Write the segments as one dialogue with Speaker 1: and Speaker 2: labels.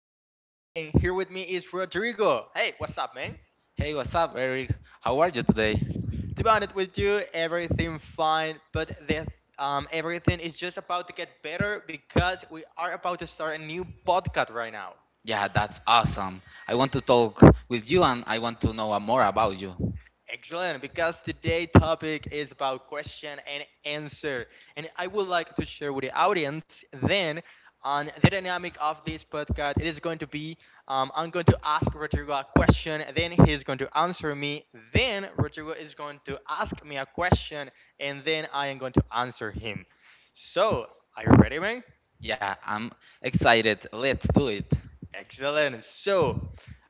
Speaker 1: is Eric and here with me is Rodrigo. Hey, what's up, man?
Speaker 2: Hey, what's up, Eric? How are you today?
Speaker 1: To be honest with you, everything fine, but everything is just about to get better because we are about to start a new podcast right now.
Speaker 2: Yeah, that's awesome. I want to talk with you and I want to know more about you.
Speaker 1: Excellent, because today' topic is about question and answer, and I would like to share with the audience then on the dynamic of this podcast. It is going to be I'm going to ask Rodrigo a question, then he's going to answer me, then Rodrigo is going to ask me a question, and then I am going to answer him. So, are you ready, man?
Speaker 2: Yeah, I'm excited. Let's do it.
Speaker 1: Excellent. So,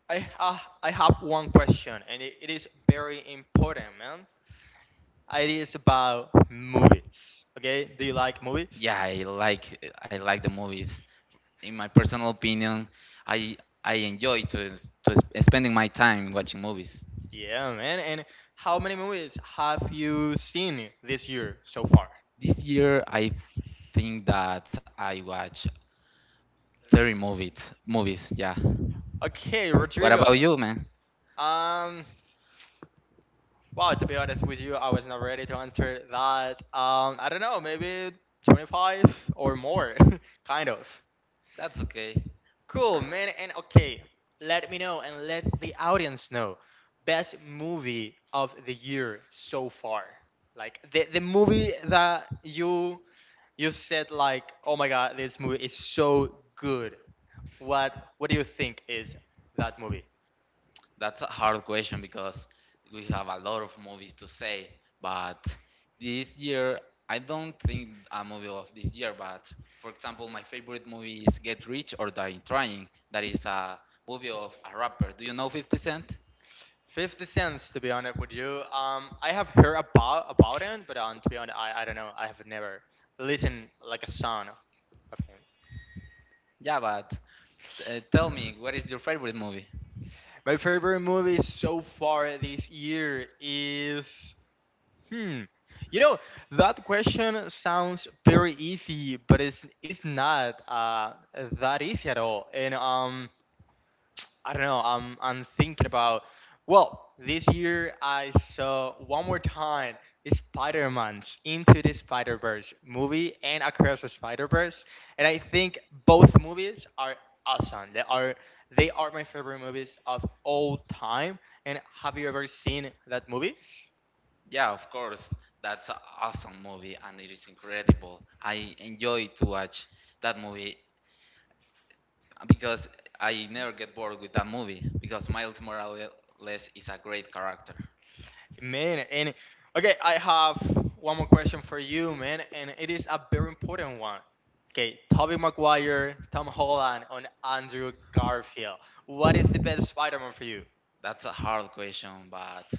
Speaker 1: I have one question, and it is very important, man. It is about movies. Okay, do you like movies?
Speaker 2: Yeah, I like the movies. In my personal opinion, I I enjoy to spending my time watching movies.
Speaker 1: Yeah, man. And how many movies have you seen this year so far?
Speaker 2: This year, I think that I watch 30 movies. Movies, yeah.
Speaker 1: Okay,
Speaker 2: What about
Speaker 1: Rodrigo.
Speaker 2: you, man?
Speaker 1: Um, wow. To be honest with you, I was not ready to answer that. I don't know. Maybe 25 or more, kind of.
Speaker 2: That's okay.
Speaker 1: Cool, man. And okay, let me know and let the audience know. Best movie of the year so far. Like the movie that you said like, "Oh my god, this movie is so good." What do you think is that movie?
Speaker 2: That's a hard question because we have a lot of movies to say, but this year I don't think a movie of this year, but for example, my favorite movie is Get Rich or Die Trying. That is a movie of a rapper. Do you know 50 Cent?
Speaker 1: Fifty Cents, to be honest with you. I have heard about him, but to be honest, I don't know. I have never listened like a song of
Speaker 2: Yeah, but tell
Speaker 1: him.
Speaker 2: me, what is your favorite movie?
Speaker 1: My favorite movie so far this year is hmm. You know that question sounds very easy, but it's not that easy at all. And I don't know. I'm thinking about. Well, this year I saw one more time Spider Man's Into the Spider Verse movie and Across the Spider Verse, and I think both movies are awesome. They are my favorite movies of all time. And have you ever seen that movies?
Speaker 2: Yeah, of course, that's an awesome movie and it is incredible. I enjoy to watch that movie because I never get bored with that movie because Miles Morales is a great character.
Speaker 1: Man, and okay, I have one more question for you, man, and it is a very important one. Okay, Tobey Maguire, Tom Holland, and Andrew Garfield. What is the best Spider-Man for you?
Speaker 2: That's a hard question, but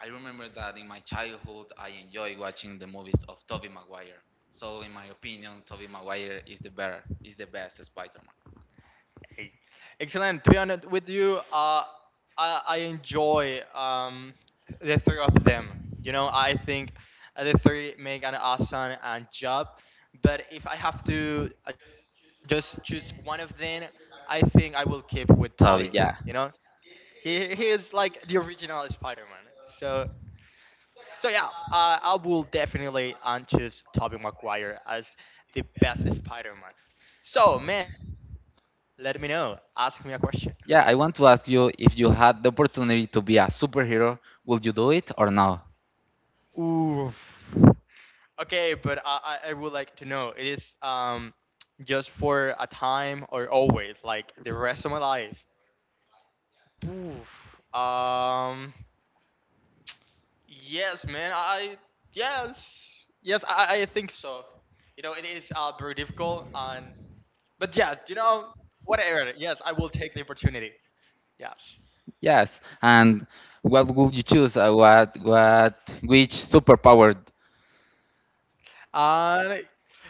Speaker 2: I remember that in my childhood I enjoy watching the movies of Tobey Maguire. So in my opinion, Tobey Maguire is is the best Spider-Man.
Speaker 1: Hey, excellent. To be honest with you, I enjoy the three of them. You know, I think the three make an awesome job. But if I have to just choose one of them, I think I will keep with Tobey. You
Speaker 2: Tobey,
Speaker 1: know,
Speaker 2: yeah.
Speaker 1: he is like the original Spider-Man. So yeah, I will definitely choose Tobey Maguire as the best Spider-Man. So man, let me know. Ask me a question.
Speaker 2: Yeah, I want to ask you if you had the opportunity to be a superhero, would you do it or no?
Speaker 1: Oof. Okay, but I would like to know. It is just for a time or always like the rest of my life. Oof. Yes, man. I yes, yes, I think so. It is very difficult and but yeah, whatever. Yes, I will take the opportunity. Yes.
Speaker 2: Yes. And what would you choose? What which superpower?
Speaker 1: And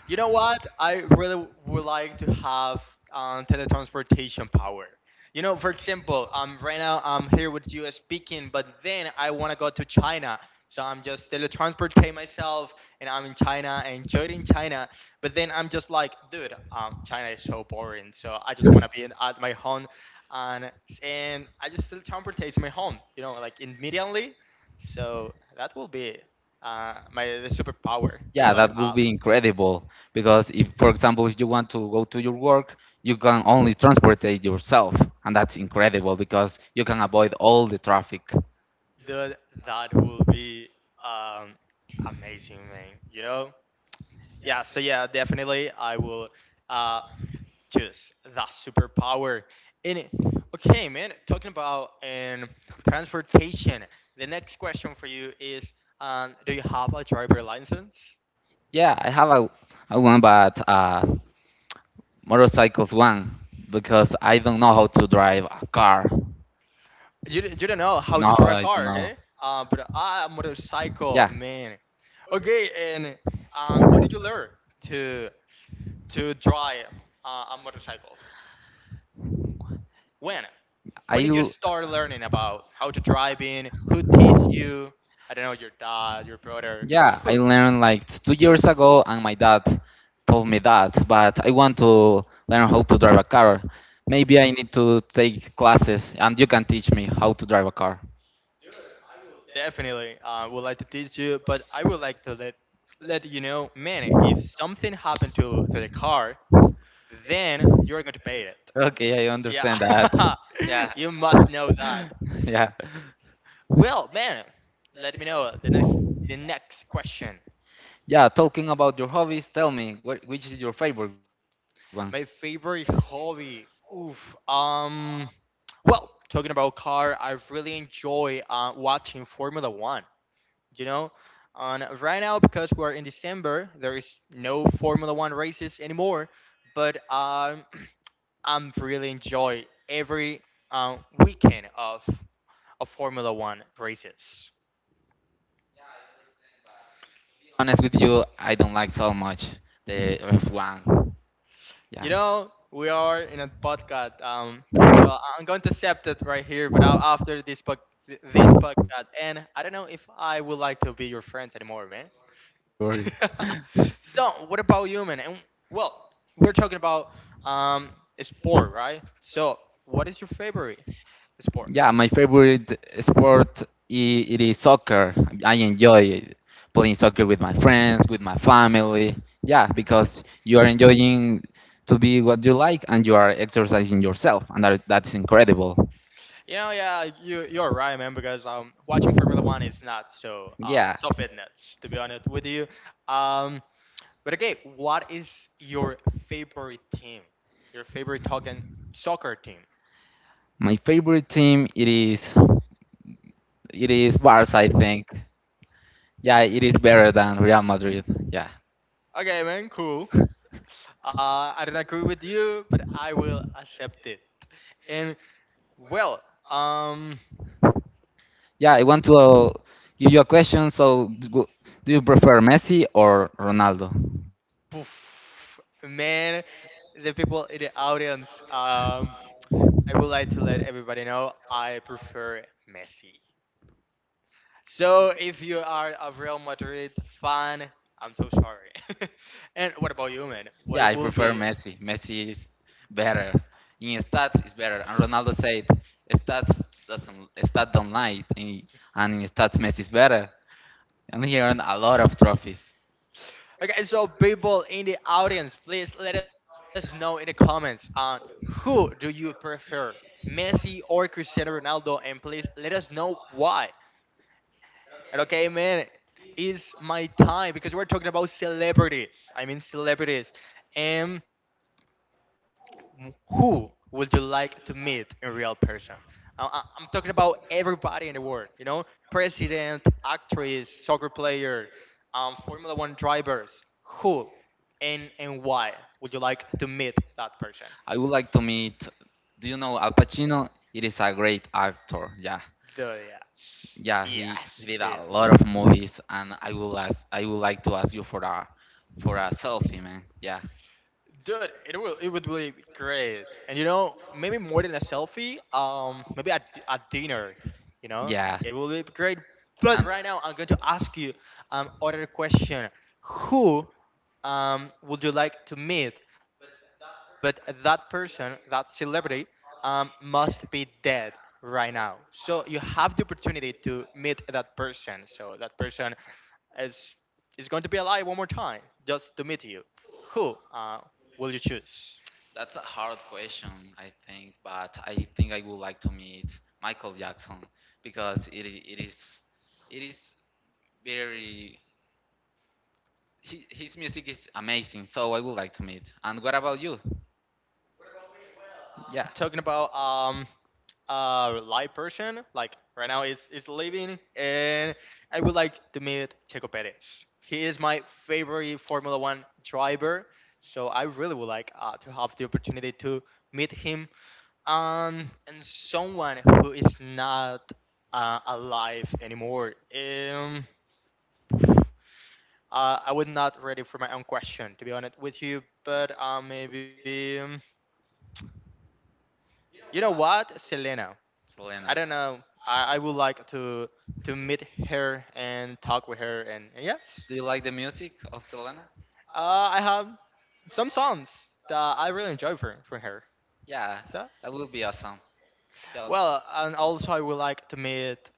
Speaker 1: you know what? I really would like to have teletransportation power. You know, for example, right now I'm here with you speaking, but then I want to go to China. So I'm just teletransporting myself and I'm in China and in China. But then I'm just like, dude, China is so boring. So I just want to be at my home and, and I just teletransportate to my home, like immediately. So that will be. My the superpower I would
Speaker 2: Yeah,
Speaker 1: like to
Speaker 2: that would
Speaker 1: have.
Speaker 2: be incredible because if, for example, if you want to go to your work, you can only transport it yourself, and that's incredible because you can avoid all the traffic.
Speaker 1: Dude, that would be um, amazing, man. You know? Yeah, so yeah, definitely I will uh, choose that superpower. In it. Okay, man, talking about transportation, the next question for you is do you have a driver license?
Speaker 2: Yeah, I have a one, but motorcycles one because I don't know how to drive a car.
Speaker 1: You don't know how
Speaker 2: No,
Speaker 1: to drive a
Speaker 2: I don't
Speaker 1: car,
Speaker 2: know.
Speaker 1: okay? But I a motorcycle,
Speaker 2: Yeah,
Speaker 1: man. Okay, and when did you learn to to drive a motorcycle? When? When
Speaker 2: I
Speaker 1: did you start learning about how to drive in? Who teach you? I don't know, your dad, your brother.
Speaker 2: Yeah, I
Speaker 1: Who?
Speaker 2: learned like 2 years ago, and my dad told me that. But I want to learn how to drive a car. Maybe I need to take classes, and you can teach me how to drive a car.
Speaker 1: Definitely would like to teach you, but I would like to let you know, man, if something happened to the car, then you're going to pay it.
Speaker 2: Okay, I understand that.
Speaker 1: Yeah,
Speaker 2: Yeah,
Speaker 1: you must know that.
Speaker 2: yeah,
Speaker 1: Well, man, let me know the next question.
Speaker 2: yeah. Talking about your hobbies, tell me which is your favorite one.
Speaker 1: My favorite hobby. Oof. Well, talking about car, I really enjoy watching Formula One. You know, on right now because we're in December, there is no Formula One races anymore. But I'm really enjoy every uh, weekend of Formula One races.
Speaker 2: Honest with you, I don't like so much the F1. Yeah.
Speaker 1: You know, we are in a podcast. So I'm going to accept it right here. But after this podcast, and I don't know if I would like to be your friends anymore, man.
Speaker 2: Sorry.
Speaker 1: So what about you, man? And well, we're talking about um sport, right? So what is your favorite sport?
Speaker 2: Yeah, my favorite sport it is soccer. I enjoy playing soccer with my friends, with my family. Yeah,
Speaker 1: Mhm.
Speaker 2: because you are enjoying to be what you like and you are exercising yourself, and that's incredible.
Speaker 1: You know, yeah, you're right, man. Because watching Formula One is not so uh
Speaker 2: Yeah,
Speaker 1: so fitness to be honest with you. Um, But okay, what is your favorite team? Your favorite talking soccer team?
Speaker 2: my favorite team it is Barca, I think. Yeah, it is better than Real Madrid. Yeah,
Speaker 1: Okay, man, cool. I don't agree with you, but I will accept it. And well, um,
Speaker 2: yeah. I want to give you a question. So, do you prefer Messi or Ronaldo?
Speaker 1: poof, man, the people in the audience, I would like to let everybody know I prefer Messi. So if you are a Real Madrid fan, I'm so sorry. And what about you, man?
Speaker 2: Yeah, I
Speaker 1: What will
Speaker 2: prefer
Speaker 1: be?
Speaker 2: Messi. Messi is better. In stats is better. And Ronaldo said stats stats don't lie. And in stats Messi is better. And he earned a lot of trophies.
Speaker 1: Okay, so people in the audience, please let us know in the comments on who do you prefer, Messi or Cristiano Ronaldo, and please let us know why. And okay, man, it's my time because we're talking about celebrities. I mean celebrities, and who would you like to meet in real person? I'm talking about everybody in the world, you know, president, actress, soccer player, Formula One drivers. Who and why would you like to meet that person?
Speaker 2: I would like to meet, do you know Al Pacino? It is a great actor. Yeah.
Speaker 1: The Yes,
Speaker 2: Yeah, he,
Speaker 1: yes,
Speaker 2: he did
Speaker 1: he
Speaker 2: a
Speaker 1: is.
Speaker 2: lot of movies and I would like to ask you for a selfie, man. Yeah.
Speaker 1: Dude, it would be great. And you know, maybe more than a selfie, maybe at a dinner, you know,
Speaker 2: Yeah.
Speaker 1: it will be great. But
Speaker 2: And
Speaker 1: right now, I'm going to ask you other question. Who would you like to meet? But that person, that celebrity, must be dead right now. So you have the opportunity to meet that person. So that person is is going to be alive one more time just to meet you. Who? Will you choose?
Speaker 2: That's a hard question, I think, but I think I would like to meet Michael Jackson because it is very, his music is amazing, so I would like to meet. And what about you? Yeah,
Speaker 1: I'm talking about a live person, like right now is living, and I would like to meet Checo Perez. He is my favorite Formula One driver, so I really would like to have the opportunity to meet him. And someone who is not alive anymore. I was not ready for my own question, to be honest with you, but maybe. You know what, Selena? I don't
Speaker 2: Selena.
Speaker 1: know. I would like to meet her and talk with her and yes.
Speaker 2: Do you like the music of Selena?
Speaker 1: Uh, I have some songs that I really enjoy from her.
Speaker 2: Yeah,
Speaker 1: So
Speaker 2: that would be awesome. Yeah,
Speaker 1: well, and also I would like to meet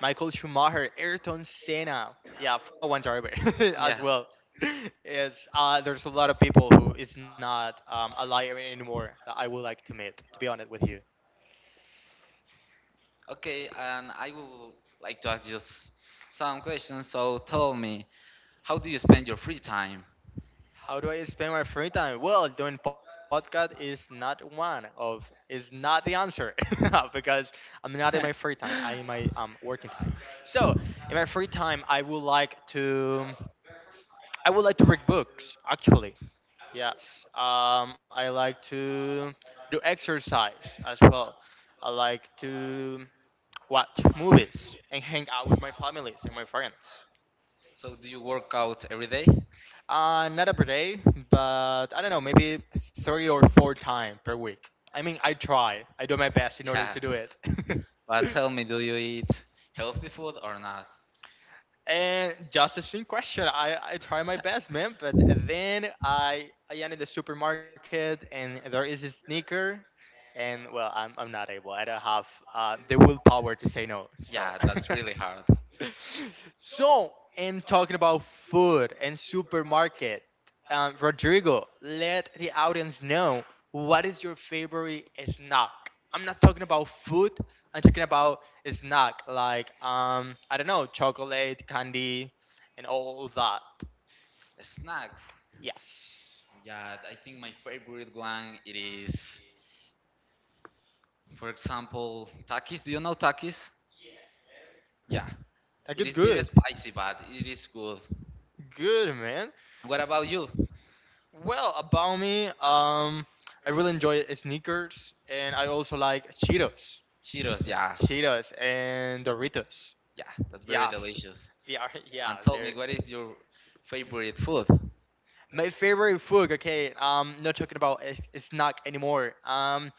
Speaker 1: Michael Schumacher, Ayrton Senna, yeah, Formula One driver as
Speaker 2: yeah.
Speaker 1: well. It's there's a lot of people who is not alive anymore that I would like to meet. To be honest with you,
Speaker 2: Okay, and I would like to ask just some questions. So tell me, how do you spend your free time?
Speaker 1: how do I spend my free time? Well, doing podcast is not the answer because I'm not in my free time. I am my working time. So in my free time, I would like to read books. Actually, yes. I like to do exercise as well. I like to watch movies and hang out with my families and my friends.
Speaker 2: So do you work out every day?
Speaker 1: Not every day, but I don't know, maybe three or four times per week. I mean, I try. I do my best in order
Speaker 2: Yeah.
Speaker 1: to do it.
Speaker 2: But tell me, do you eat healthy food or not?
Speaker 1: And just a same question. I try my best, man. But then I am in the supermarket and there is a sneaker, and well, I'm not able. I don't have the willpower to say no. So.
Speaker 2: Yeah, that's really hard.
Speaker 1: And talking about food and supermarket, Rodrigo, let the audience know what is your favorite snack. I'm not talking about food. I'm talking about snack like I don't know chocolate, candy, and all that.
Speaker 2: Snacks.
Speaker 1: Yes,
Speaker 2: Yeah, I think my favorite one it is, for example, Takis. Do you know Takis? Yeah,
Speaker 1: I
Speaker 2: it
Speaker 1: get
Speaker 2: is very
Speaker 1: good,
Speaker 2: spicy, but it is good.
Speaker 1: good man.
Speaker 2: What about you?
Speaker 1: Well, about me, I really enjoy sneakers, and I also like Cheetos,
Speaker 2: Cheetos,
Speaker 1: Yeah,
Speaker 2: yeah,
Speaker 1: Cheetos and Doritos.
Speaker 2: yeah, that's very
Speaker 1: Yes,
Speaker 2: delicious.
Speaker 1: they are. Yeah,
Speaker 2: And tell
Speaker 1: they're
Speaker 2: me, what is your favorite food?
Speaker 1: my favorite food. Okay, not talking about a snack anymore.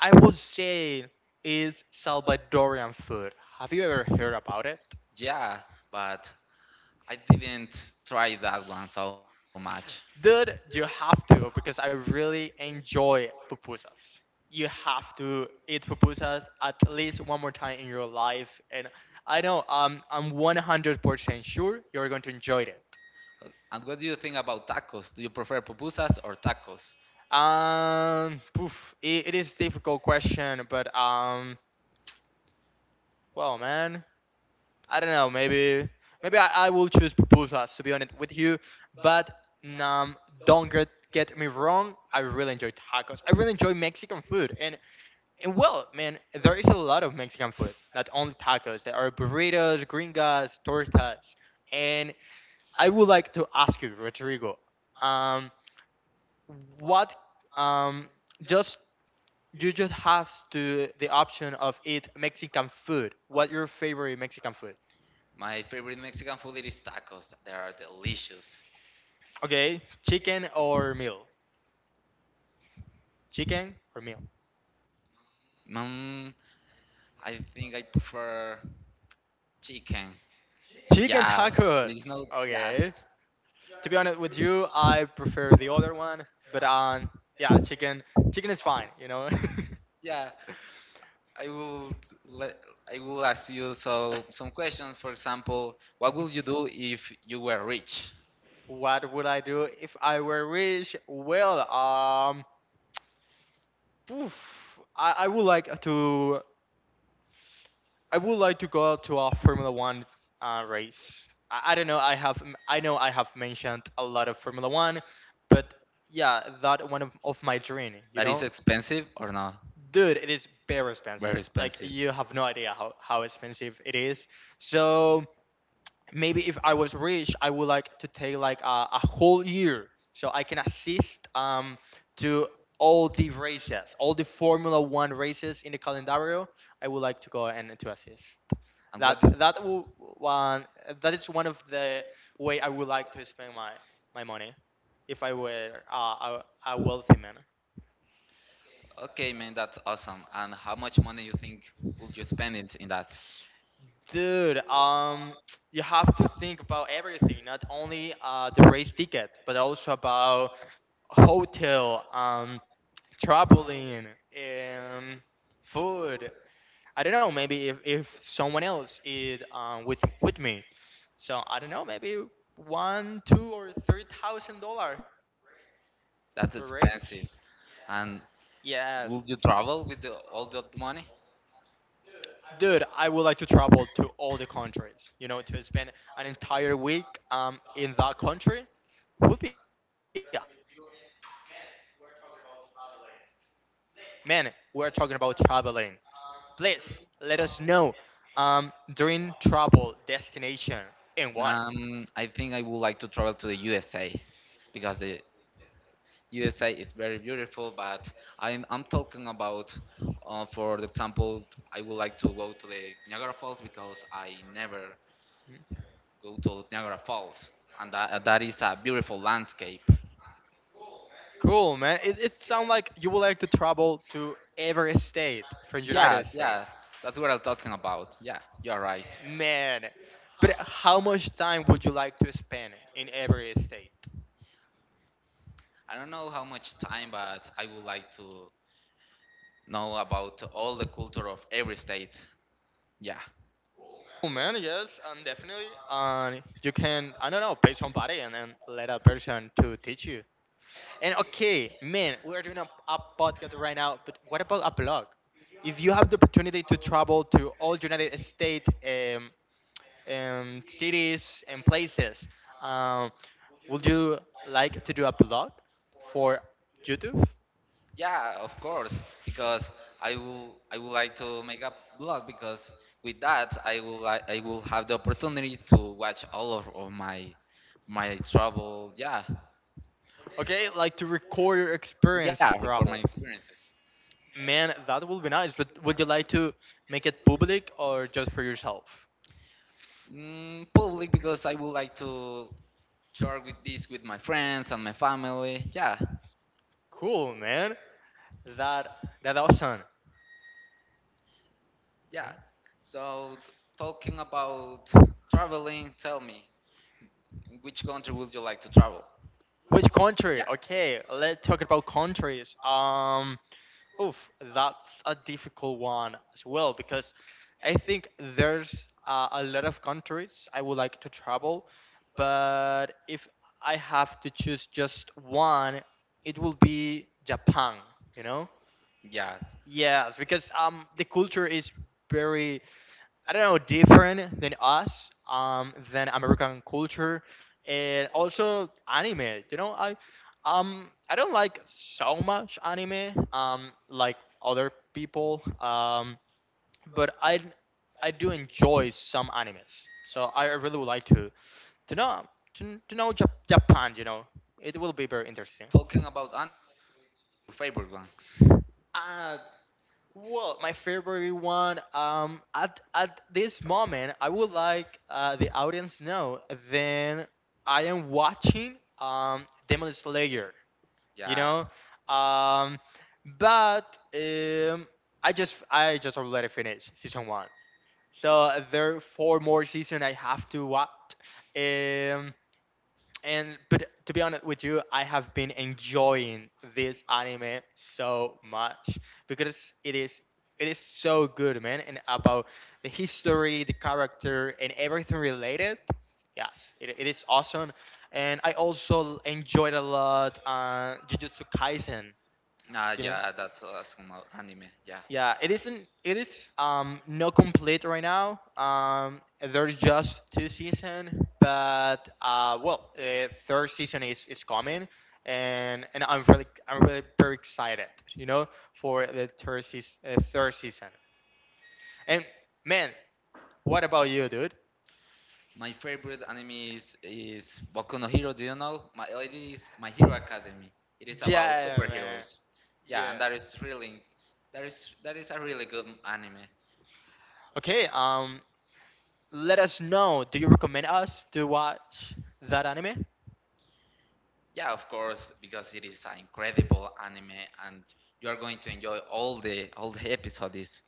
Speaker 1: I would say is Salvadorian food. Have you ever heard about it?
Speaker 2: Yeah, but I didn't try that one so much.
Speaker 1: Dude, you have to because I really enjoy pupusas. You have to eat pupusas at least one more time in your life, and I know I'm 100% sure you're going to enjoy it.
Speaker 2: And what do you think about tacos? Do you prefer pupusas or tacos?
Speaker 1: It is difficult question, but well man, I don't know. Maybe I will choose pupusas, to be honest with you. But um, don't get me wrong. I really enjoy tacos. I really enjoy Mexican food. And well, man, there is a lot of Mexican food. Not only tacos. There are burritos, gringas, tortas. And I would like to ask you, Rodrigo. Um, what um just you just have to the option of eat Mexican food. What your favorite Mexican food?
Speaker 2: My favorite Mexican food it is tacos. They are delicious.
Speaker 1: Okay, chicken or meal? Chicken or meal?
Speaker 2: Mm, I think I prefer chicken.
Speaker 1: Chicken
Speaker 2: Yeah,
Speaker 1: tacos.
Speaker 2: it is not.
Speaker 1: Okay.
Speaker 2: Yeah,
Speaker 1: To be honest with you, I prefer the other one, but yeah, chicken. Chicken is fine, you know.
Speaker 2: yeah. I will let I will ask you some questions. For example, what would you do if you were rich?
Speaker 1: What would I do if I were rich? Well, I would like to I would like to go to a Formula One race. I don't know. I have I know I have mentioned a lot of Formula One, but yeah, that one of my dream. You
Speaker 2: That is
Speaker 1: know,
Speaker 2: expensive or not?
Speaker 1: dude, it is very
Speaker 2: Very
Speaker 1: expensive. Like
Speaker 2: expensive.
Speaker 1: you have no idea how expensive it is. So maybe if I was rich, I would like to take like a whole year so I can assist to all the races, all the Formula One races in the calendario. I would like to go and to assist.
Speaker 2: And
Speaker 1: That
Speaker 2: what?
Speaker 1: that w- one that is one of the way I would like to spend my my money if I were a wealthy man.
Speaker 2: Okay, man, that's awesome. And how much money you think would you spend it in that?
Speaker 1: Dude, you have to think about everything, not only the race ticket, but also about hotel, traveling, um, food. I don't know, maybe if someone else is with me. So I don't know, maybe one, two, or three thousand dollar per race.
Speaker 2: That's expensive. And
Speaker 1: Yes.
Speaker 2: would you travel with all that money?
Speaker 1: Dude, I would like to travel to all the countries, you know. To spend an entire week in that country would be awesome, to be honest with you. And man, we're talking about traveling. Please let us know um during travel destination and why.
Speaker 2: I think I would like to travel to the USA because the USA is very beautiful, but I'm talking about, for example, I would like to go to the Niagara Falls because I never
Speaker 1: Hmm?
Speaker 2: go to Niagara Falls, and that is a beautiful landscape.
Speaker 1: Cool, man. It sounds like you would like to travel to every state from United
Speaker 2: Yeah,
Speaker 1: States.
Speaker 2: yeah, that's what I'm talking about. Yeah, you're right.
Speaker 1: Man. But how much time would you like to spend in every state?
Speaker 2: I don't know how much time, but I would like to know about all the culture of every state. Yeah.
Speaker 1: Oh man, yes, definitely. And you can, I don't know, pay somebody and then let a person to teach you. And okay, man, we are doing a podcast right now, but what about a blog? If you have the opportunity to travel to all United States cities and places, um, would you like to do a blog for YouTube?
Speaker 2: Yeah, of course, because I would like to make a blog because with that I will have the opportunity to watch all of my travel. Yeah,
Speaker 1: Okay, like to record your
Speaker 2: yeah,
Speaker 1: experience
Speaker 2: record my
Speaker 1: travel.
Speaker 2: experiences.
Speaker 1: Man, that would be nice, but would you like to make it public or just for yourself?
Speaker 2: Mm, public because I would like to share with this with my friends and my family. Yeah,
Speaker 1: Cool, man. That that awesome.
Speaker 2: yeah. So talking about traveling, tell me which country would you like to travel?
Speaker 1: Which
Speaker 2: Yeah,
Speaker 1: country? Okay, let's talk about countries. Oof, that's a difficult one as well because I think there's a lot of countries I would like to travel, but if I have to choose just one, it will be Japan, you know?
Speaker 2: yeah.
Speaker 1: Yes, because the culture is very I don't know, different than us, than American culture, and also anime. You know, I don't like so much anime, like other people, but I do enjoy some animes. So I really would like to know to know Jap- Japan. You know, it will be very interesting.
Speaker 2: Talking about your favorite one.
Speaker 1: Uh, Well, my favorite one. At this moment, I would like the audience to know. Then I am watching Demon Slayer. You
Speaker 2: Yeah.
Speaker 1: know, um, but I just already finished season one. So there are four more season I have to watch. Um, and but to be honest with you, I have been enjoying this anime so much because it is so good, man, and about the history, the character, and everything related. Yes, it is awesome, and I also enjoyed a lot Jujutsu Kaisen,
Speaker 2: Ah,
Speaker 1: you know.
Speaker 2: yeah, that's some anime. Yeah.
Speaker 1: Yeah, it isn't. It is not complete right now. There's just two season, but well, third season is coming, and I'm really very excited, you know, for the third season. Third season. And man, what about you, dude?
Speaker 2: My favorite anime is Boku no Hero. Do you know? My it is My Hero Academy. It is about
Speaker 1: Yeah, man.
Speaker 2: superheroes. Yeah,
Speaker 1: Yeah.
Speaker 2: and that is a really good anime.
Speaker 1: Okay. Let us know. Do you recommend us to watch that anime?
Speaker 2: Yeah, of course, because it is an incredible anime, and you are going to enjoy all the episodes.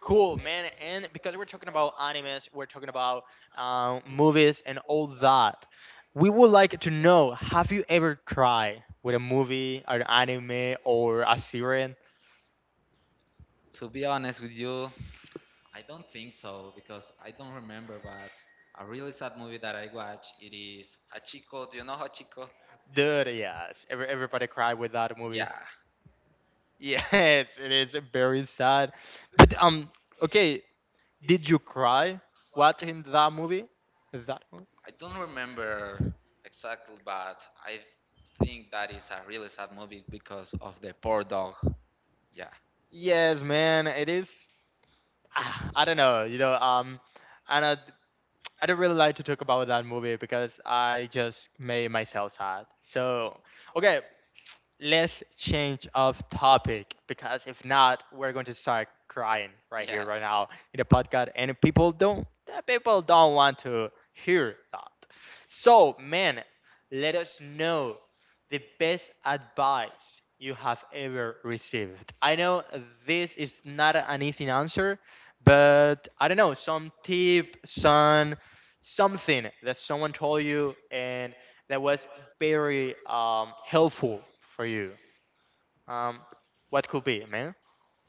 Speaker 1: Cool, man. And because we're talking about animes, we're talking about movies and all that, we would like to know, have you ever cried with a movie, or an anime, or a series?
Speaker 2: To be honest with you, I don't think so because I don't remember. But a really sad movie that I watched it is Hachiko. Do you know Hachiko?
Speaker 1: Dude, yes. Every, everybody cried with that movie.
Speaker 2: Yeah,
Speaker 1: Yes, it is very sad. But, okay, did you cry watching that movie? That one?
Speaker 2: I don't remember exactly, but I think that is a really sad movie because of the poor dog. Yeah,
Speaker 1: Yes, man. It is. Ah, I don't know. You know, and I don't really like to talk about that movie because I just made myself sad. So, okay, let's change of topic because if not, we're going to start crying right here,
Speaker 2: yeah.
Speaker 1: right now in the podcast, and people don't want to hear that. So, man, let us know the best advice you have ever received. I know this is not an easy answer, but I don't know some tip, some something that someone told you and that was very helpful for you? Um, what could be, man?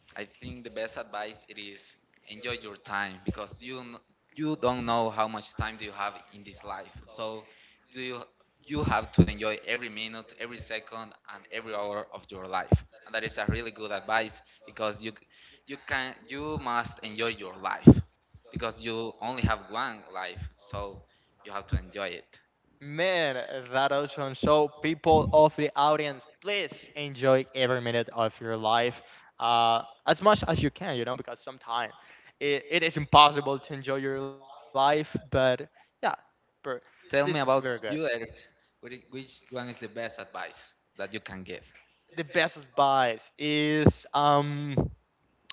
Speaker 2: I think the best advice it is enjoy your time because you don't know how much time do you have in this life. So do you you have to enjoy every minute, every second, and every hour of your life. And that is a really good advice because you can, you must enjoy your life because you only have one life, so you have to enjoy it.
Speaker 1: Man, that awesome. So, people of the audience, please enjoy every minute of your life as much as you can, you know, because sometimes it is impossible to enjoy your life, but yeah, but this is
Speaker 2: Tell me
Speaker 1: very
Speaker 2: about
Speaker 1: good.
Speaker 2: you, Eric. Which one is the best advice that you can give?
Speaker 1: The best advice is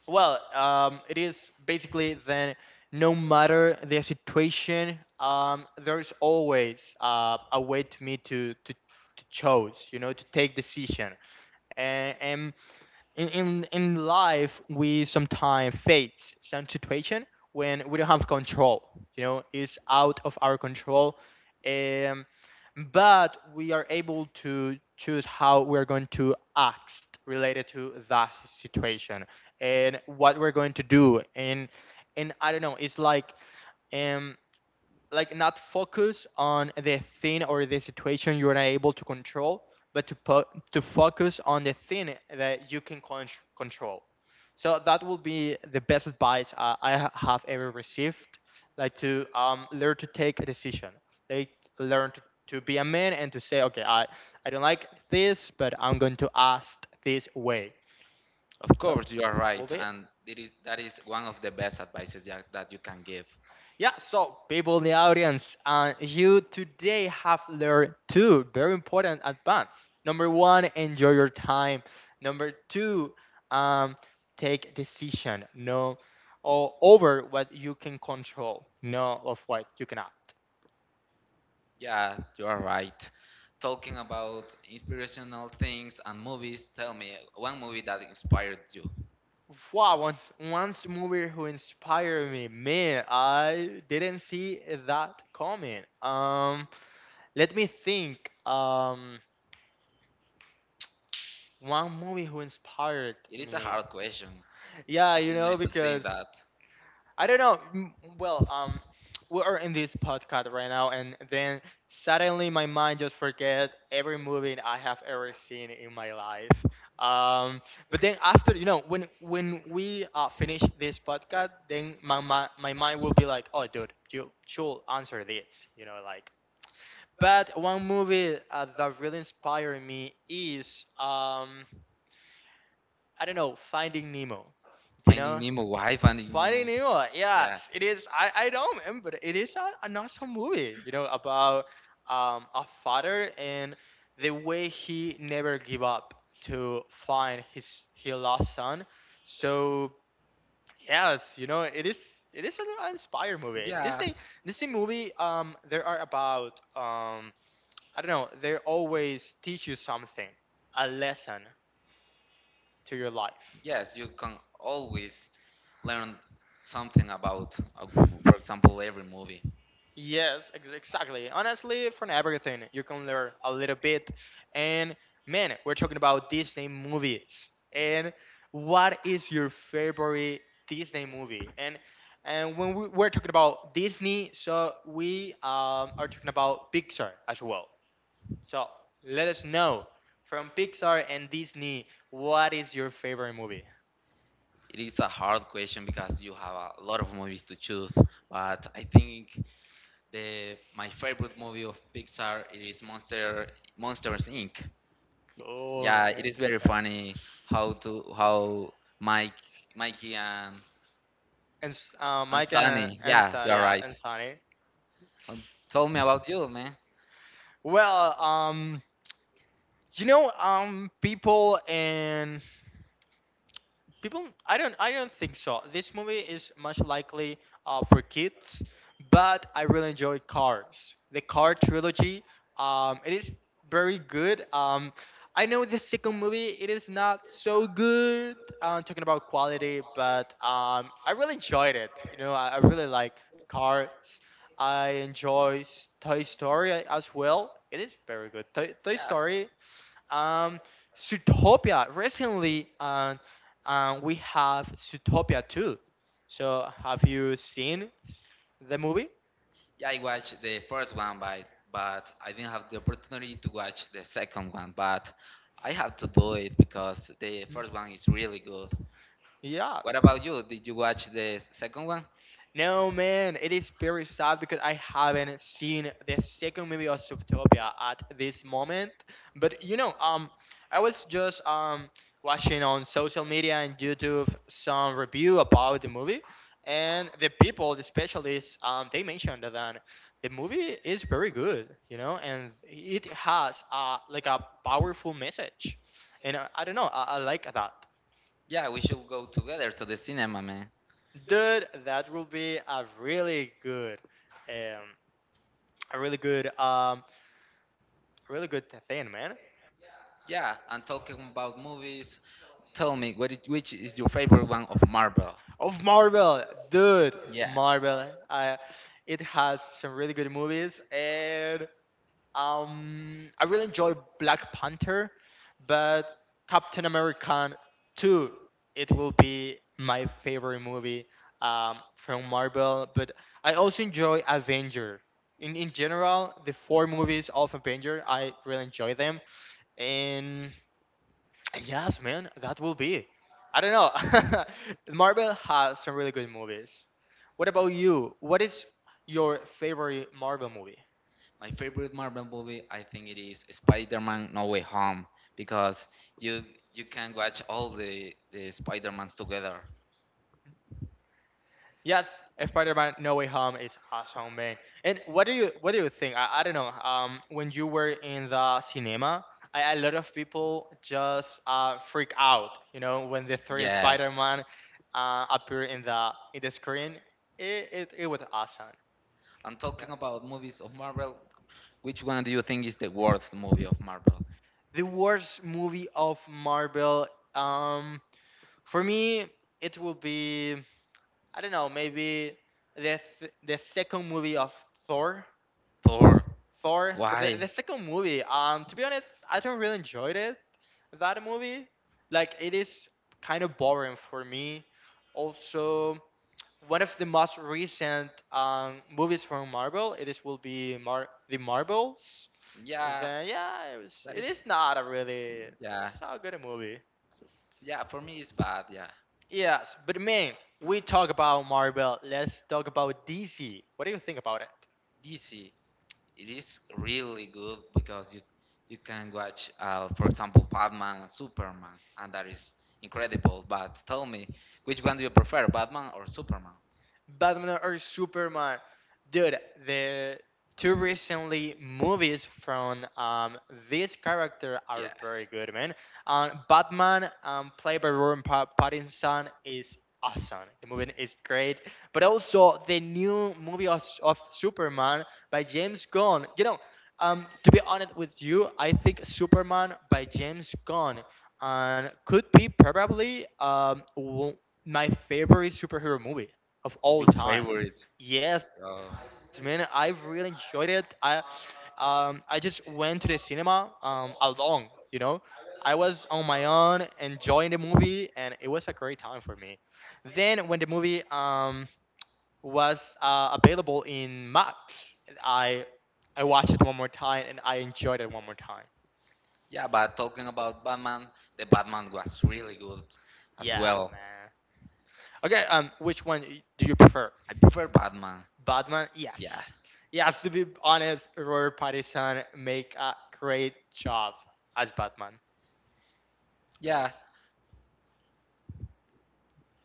Speaker 1: well, it is basically then no matter the situation, there's always a way to me to choose, you know, to take decision, and in life we sometimes face some situation when we don't have control, you know, it's out of our control, um, but we are able to choose how we're going to act related to that situation and what we're going to do, and I don't know, it's um like not focus on the thing or the situation you are able to control, but to to focus on the thing that you can control. So that will be the best advice I have ever received, like to learn to take a decision. Like learn to be a man and to say, okay, I don't like this, but I'm going to ask this way.
Speaker 2: Of
Speaker 1: So
Speaker 2: course, you are
Speaker 1: that will
Speaker 2: right,
Speaker 1: be it.
Speaker 2: and it is that is one of the best advices that you can give.
Speaker 1: Yeah, so people in the audience, you today have learned two very important advances. Number one, enjoy your time. Number two, um, take decision. No, over what you can control. No, of what you cannot.
Speaker 2: Yeah, you are right. Talking about inspirational things and movies, tell me one movie that inspired you.
Speaker 1: Wow, one once movie who inspired me. Man, I didn't see that coming. Let me think. One movie who inspired
Speaker 2: It is a
Speaker 1: me.
Speaker 2: hard question.
Speaker 1: Yeah, you
Speaker 2: You need
Speaker 1: know,
Speaker 2: to think
Speaker 1: because
Speaker 2: that
Speaker 1: I don't know. Well, we are in this podcast right now, and then suddenly my mind just forget every movie I have ever seen in my life. Um, but then after, you know, when we finish this podcast, then my mind will be like, oh, dude, you should answer this, you know, like. But one movie that really inspired me is. I don't know, Finding Nemo. Do you
Speaker 2: Finding
Speaker 1: know,
Speaker 2: Nemo, why Finding
Speaker 1: Finding
Speaker 2: Nemo?
Speaker 1: Nemo.
Speaker 2: Yeah,
Speaker 1: Yes, it is. I don't remember. It is a, an awesome movie. You know, about a father and the way he never give up to find his lost son. So yes, you know it is. It is an inspired movie.
Speaker 2: yeah,
Speaker 1: Disney movie. There are about I don't know. They always teach you something, a lesson to your life.
Speaker 2: yes, you can always learn something about, for example, every movie.
Speaker 1: Yes, exactly. Honestly, from everything, you can learn a little bit. And man, we're talking about Disney movies. And what is your favorite Disney movie? And when we, we're talking about Disney, so we are talking about Pixar as well. So let us know from Pixar and Disney, what is your favorite movie?
Speaker 2: It is a hard question because you have a lot of movies to choose, but I think the my favorite movie of Pixar it is Monsters Inc.
Speaker 1: Cool,
Speaker 2: Yeah, it
Speaker 1: man.
Speaker 2: is very
Speaker 1: Yeah.
Speaker 2: funny how Mike Mikey and
Speaker 1: And Mike
Speaker 2: Sunny.
Speaker 1: and
Speaker 2: Yeah, you're
Speaker 1: Yeah, and
Speaker 2: right.
Speaker 1: Sunny.
Speaker 2: Um, tell me about you, man.
Speaker 1: Well, you know, people and people. I don't. I don't think so. This movie is much likely for kids, but I really enjoyed Cars. The Car trilogy. It is very good. I know the second movie. It is not so good. Talking about quality, but I really enjoyed it. You know, I really like Cars. I enjoy Toy Story as well. It is very good. Toy
Speaker 2: Yeah.
Speaker 1: Story um, Zootopia. Recently, we have Zootopia too. So, have you seen the movie?
Speaker 2: Yeah, I watched the first one, but I didn't have the opportunity to watch the second one. But I have to do it because the
Speaker 1: Mm.
Speaker 2: first one is really good. What
Speaker 1: Yes.
Speaker 2: about you? Did you watch the second one?
Speaker 1: No, man, it is very sad because I haven't seen the second movie of Zootopia at this moment. But I was just watching on social media and YouTube some review about the movie, and the people, the specialists, they mentioned that the movie is very good, and it has like a powerful message, and I don't know, I like that.
Speaker 2: Yeah, we should go together to the cinema, man.
Speaker 1: Dude, that will be a really good. Um, a really good really good thing, man,
Speaker 2: Yeah, and talking about movies, tell me which is your favorite one of Marvel?
Speaker 1: of Marvel. Dude,
Speaker 2: Yes.
Speaker 1: Marvel it has some really good movies, and I really enjoy Black Panther, but Captain America 2, it will be my favorite movie from Marvel. But I also enjoy Avenger in general. The four movies of Avenger, I really enjoy them. And yes, man, that will be I don't know. Marvel has some really good movies. What about you? What is your favorite Marvel movie?
Speaker 2: My favorite Marvel movie, I think it is Spider-Man No Way Home because you can watch all the Spider-Mans together.
Speaker 1: Yes, Spider-Man: No Way Home is awesome, man. And what do you think? I don't know. When you were in the cinema, I, a lot of people just freak out. You know, when the three
Speaker 2: Yes.
Speaker 1: Spider-Man appear in the screen, it was awesome.
Speaker 2: I'm talking
Speaker 1: Yeah,
Speaker 2: about movies of Marvel. Which one do you think is the worst movie of Marvel?
Speaker 1: the worst movie of Marvel. Um, for me, it will be I don't know, maybe the second movie of Thor.
Speaker 2: Thor.
Speaker 1: Thor, but the,
Speaker 2: Why?
Speaker 1: the second movie. To be honest, I don't really enjoyed it. That movie, like, it is kind of boring for me. Also, one of the most recent movies from Marvel, it is will be the Marvels.
Speaker 2: Yeah,
Speaker 1: Then yeah, it was.
Speaker 2: that
Speaker 1: It
Speaker 2: is.
Speaker 1: is not a really.
Speaker 2: Yeah,
Speaker 1: It's not a good movie.
Speaker 2: So- yeah. For me, it's bad. Yeah,
Speaker 1: Yes, but man, we talk about Marvel. Let's talk about DC. What do you think about it?
Speaker 2: DC. It is really good because you can watch, for example, Batman and Superman, and that is incredible. But tell me, which one do you prefer, Batman or Superman?
Speaker 1: Batman or Superman? Dude, the two recently movies from this character are very
Speaker 2: Yes.
Speaker 1: good, man. Batman, played by Robert Pattinson, is awesome. The movie is great. But also the new movie of Superman by James Gunn. You know, to be honest with you, I think Superman by James Gunn and could be probably my favorite superhero movie of all
Speaker 2: Your
Speaker 1: time.
Speaker 2: favorite?
Speaker 1: Yes, man,
Speaker 2: Uh,
Speaker 1: I've really enjoyed it. I just went to the cinema alone, you know. I was on my own enjoying the movie and it was a great time for me. Then when the movie was available in Max, I I watched it one more time and I enjoyed it one more time.
Speaker 2: yeah, but talking about Batman, the Batman was really good as
Speaker 1: Yeah,
Speaker 2: well.
Speaker 1: man. Okay, which one do you prefer?
Speaker 2: I prefer Batman.
Speaker 1: Batman,
Speaker 2: Yeah.
Speaker 1: yes. Yes, to be honest, Robert Pattinson make a great job as Batman.
Speaker 2: Yeah.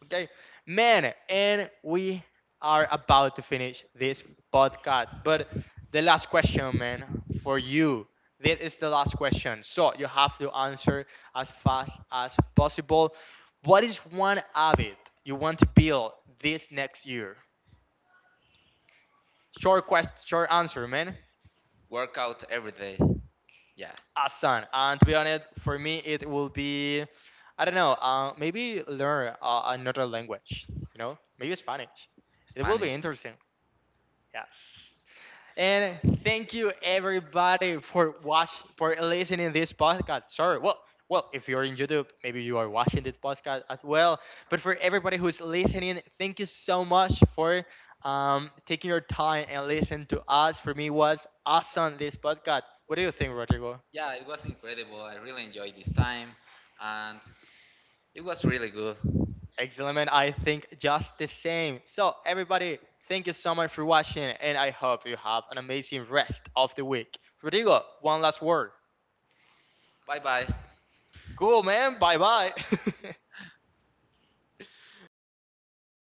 Speaker 1: Okay, man, and we are about to finish this podcast. But the last question, man, for you. This is the last question. So you have to answer as fast as possible. What is one habit you want to build this next year? Short quest, short answer, man.
Speaker 2: Workout every day. Yeah.
Speaker 1: A son. And to be honest, for me, it will be, I don't know, maybe learn another language, you know, maybe Spanish. It will be
Speaker 2: Spanish.
Speaker 1: interesting. Yes. And thank you everybody for watch for listening this podcast. Sorry, well, well, if you're in YouTube, maybe you are watching this podcast as well. But for everybody who's listening, thank you so much for taking your time and listen to us. For me, it was awesome this podcast. What do you think, Rodrigo?
Speaker 2: Yeah, it was incredible. I really enjoyed this time and it was really good.
Speaker 1: Excellent, man. I think just the same. So, everybody, thank you so much for watching, and I hope you have an amazing rest of the week. Rodrigo, one last word.
Speaker 2: Bye bye.
Speaker 1: Cool, man. Bye bye.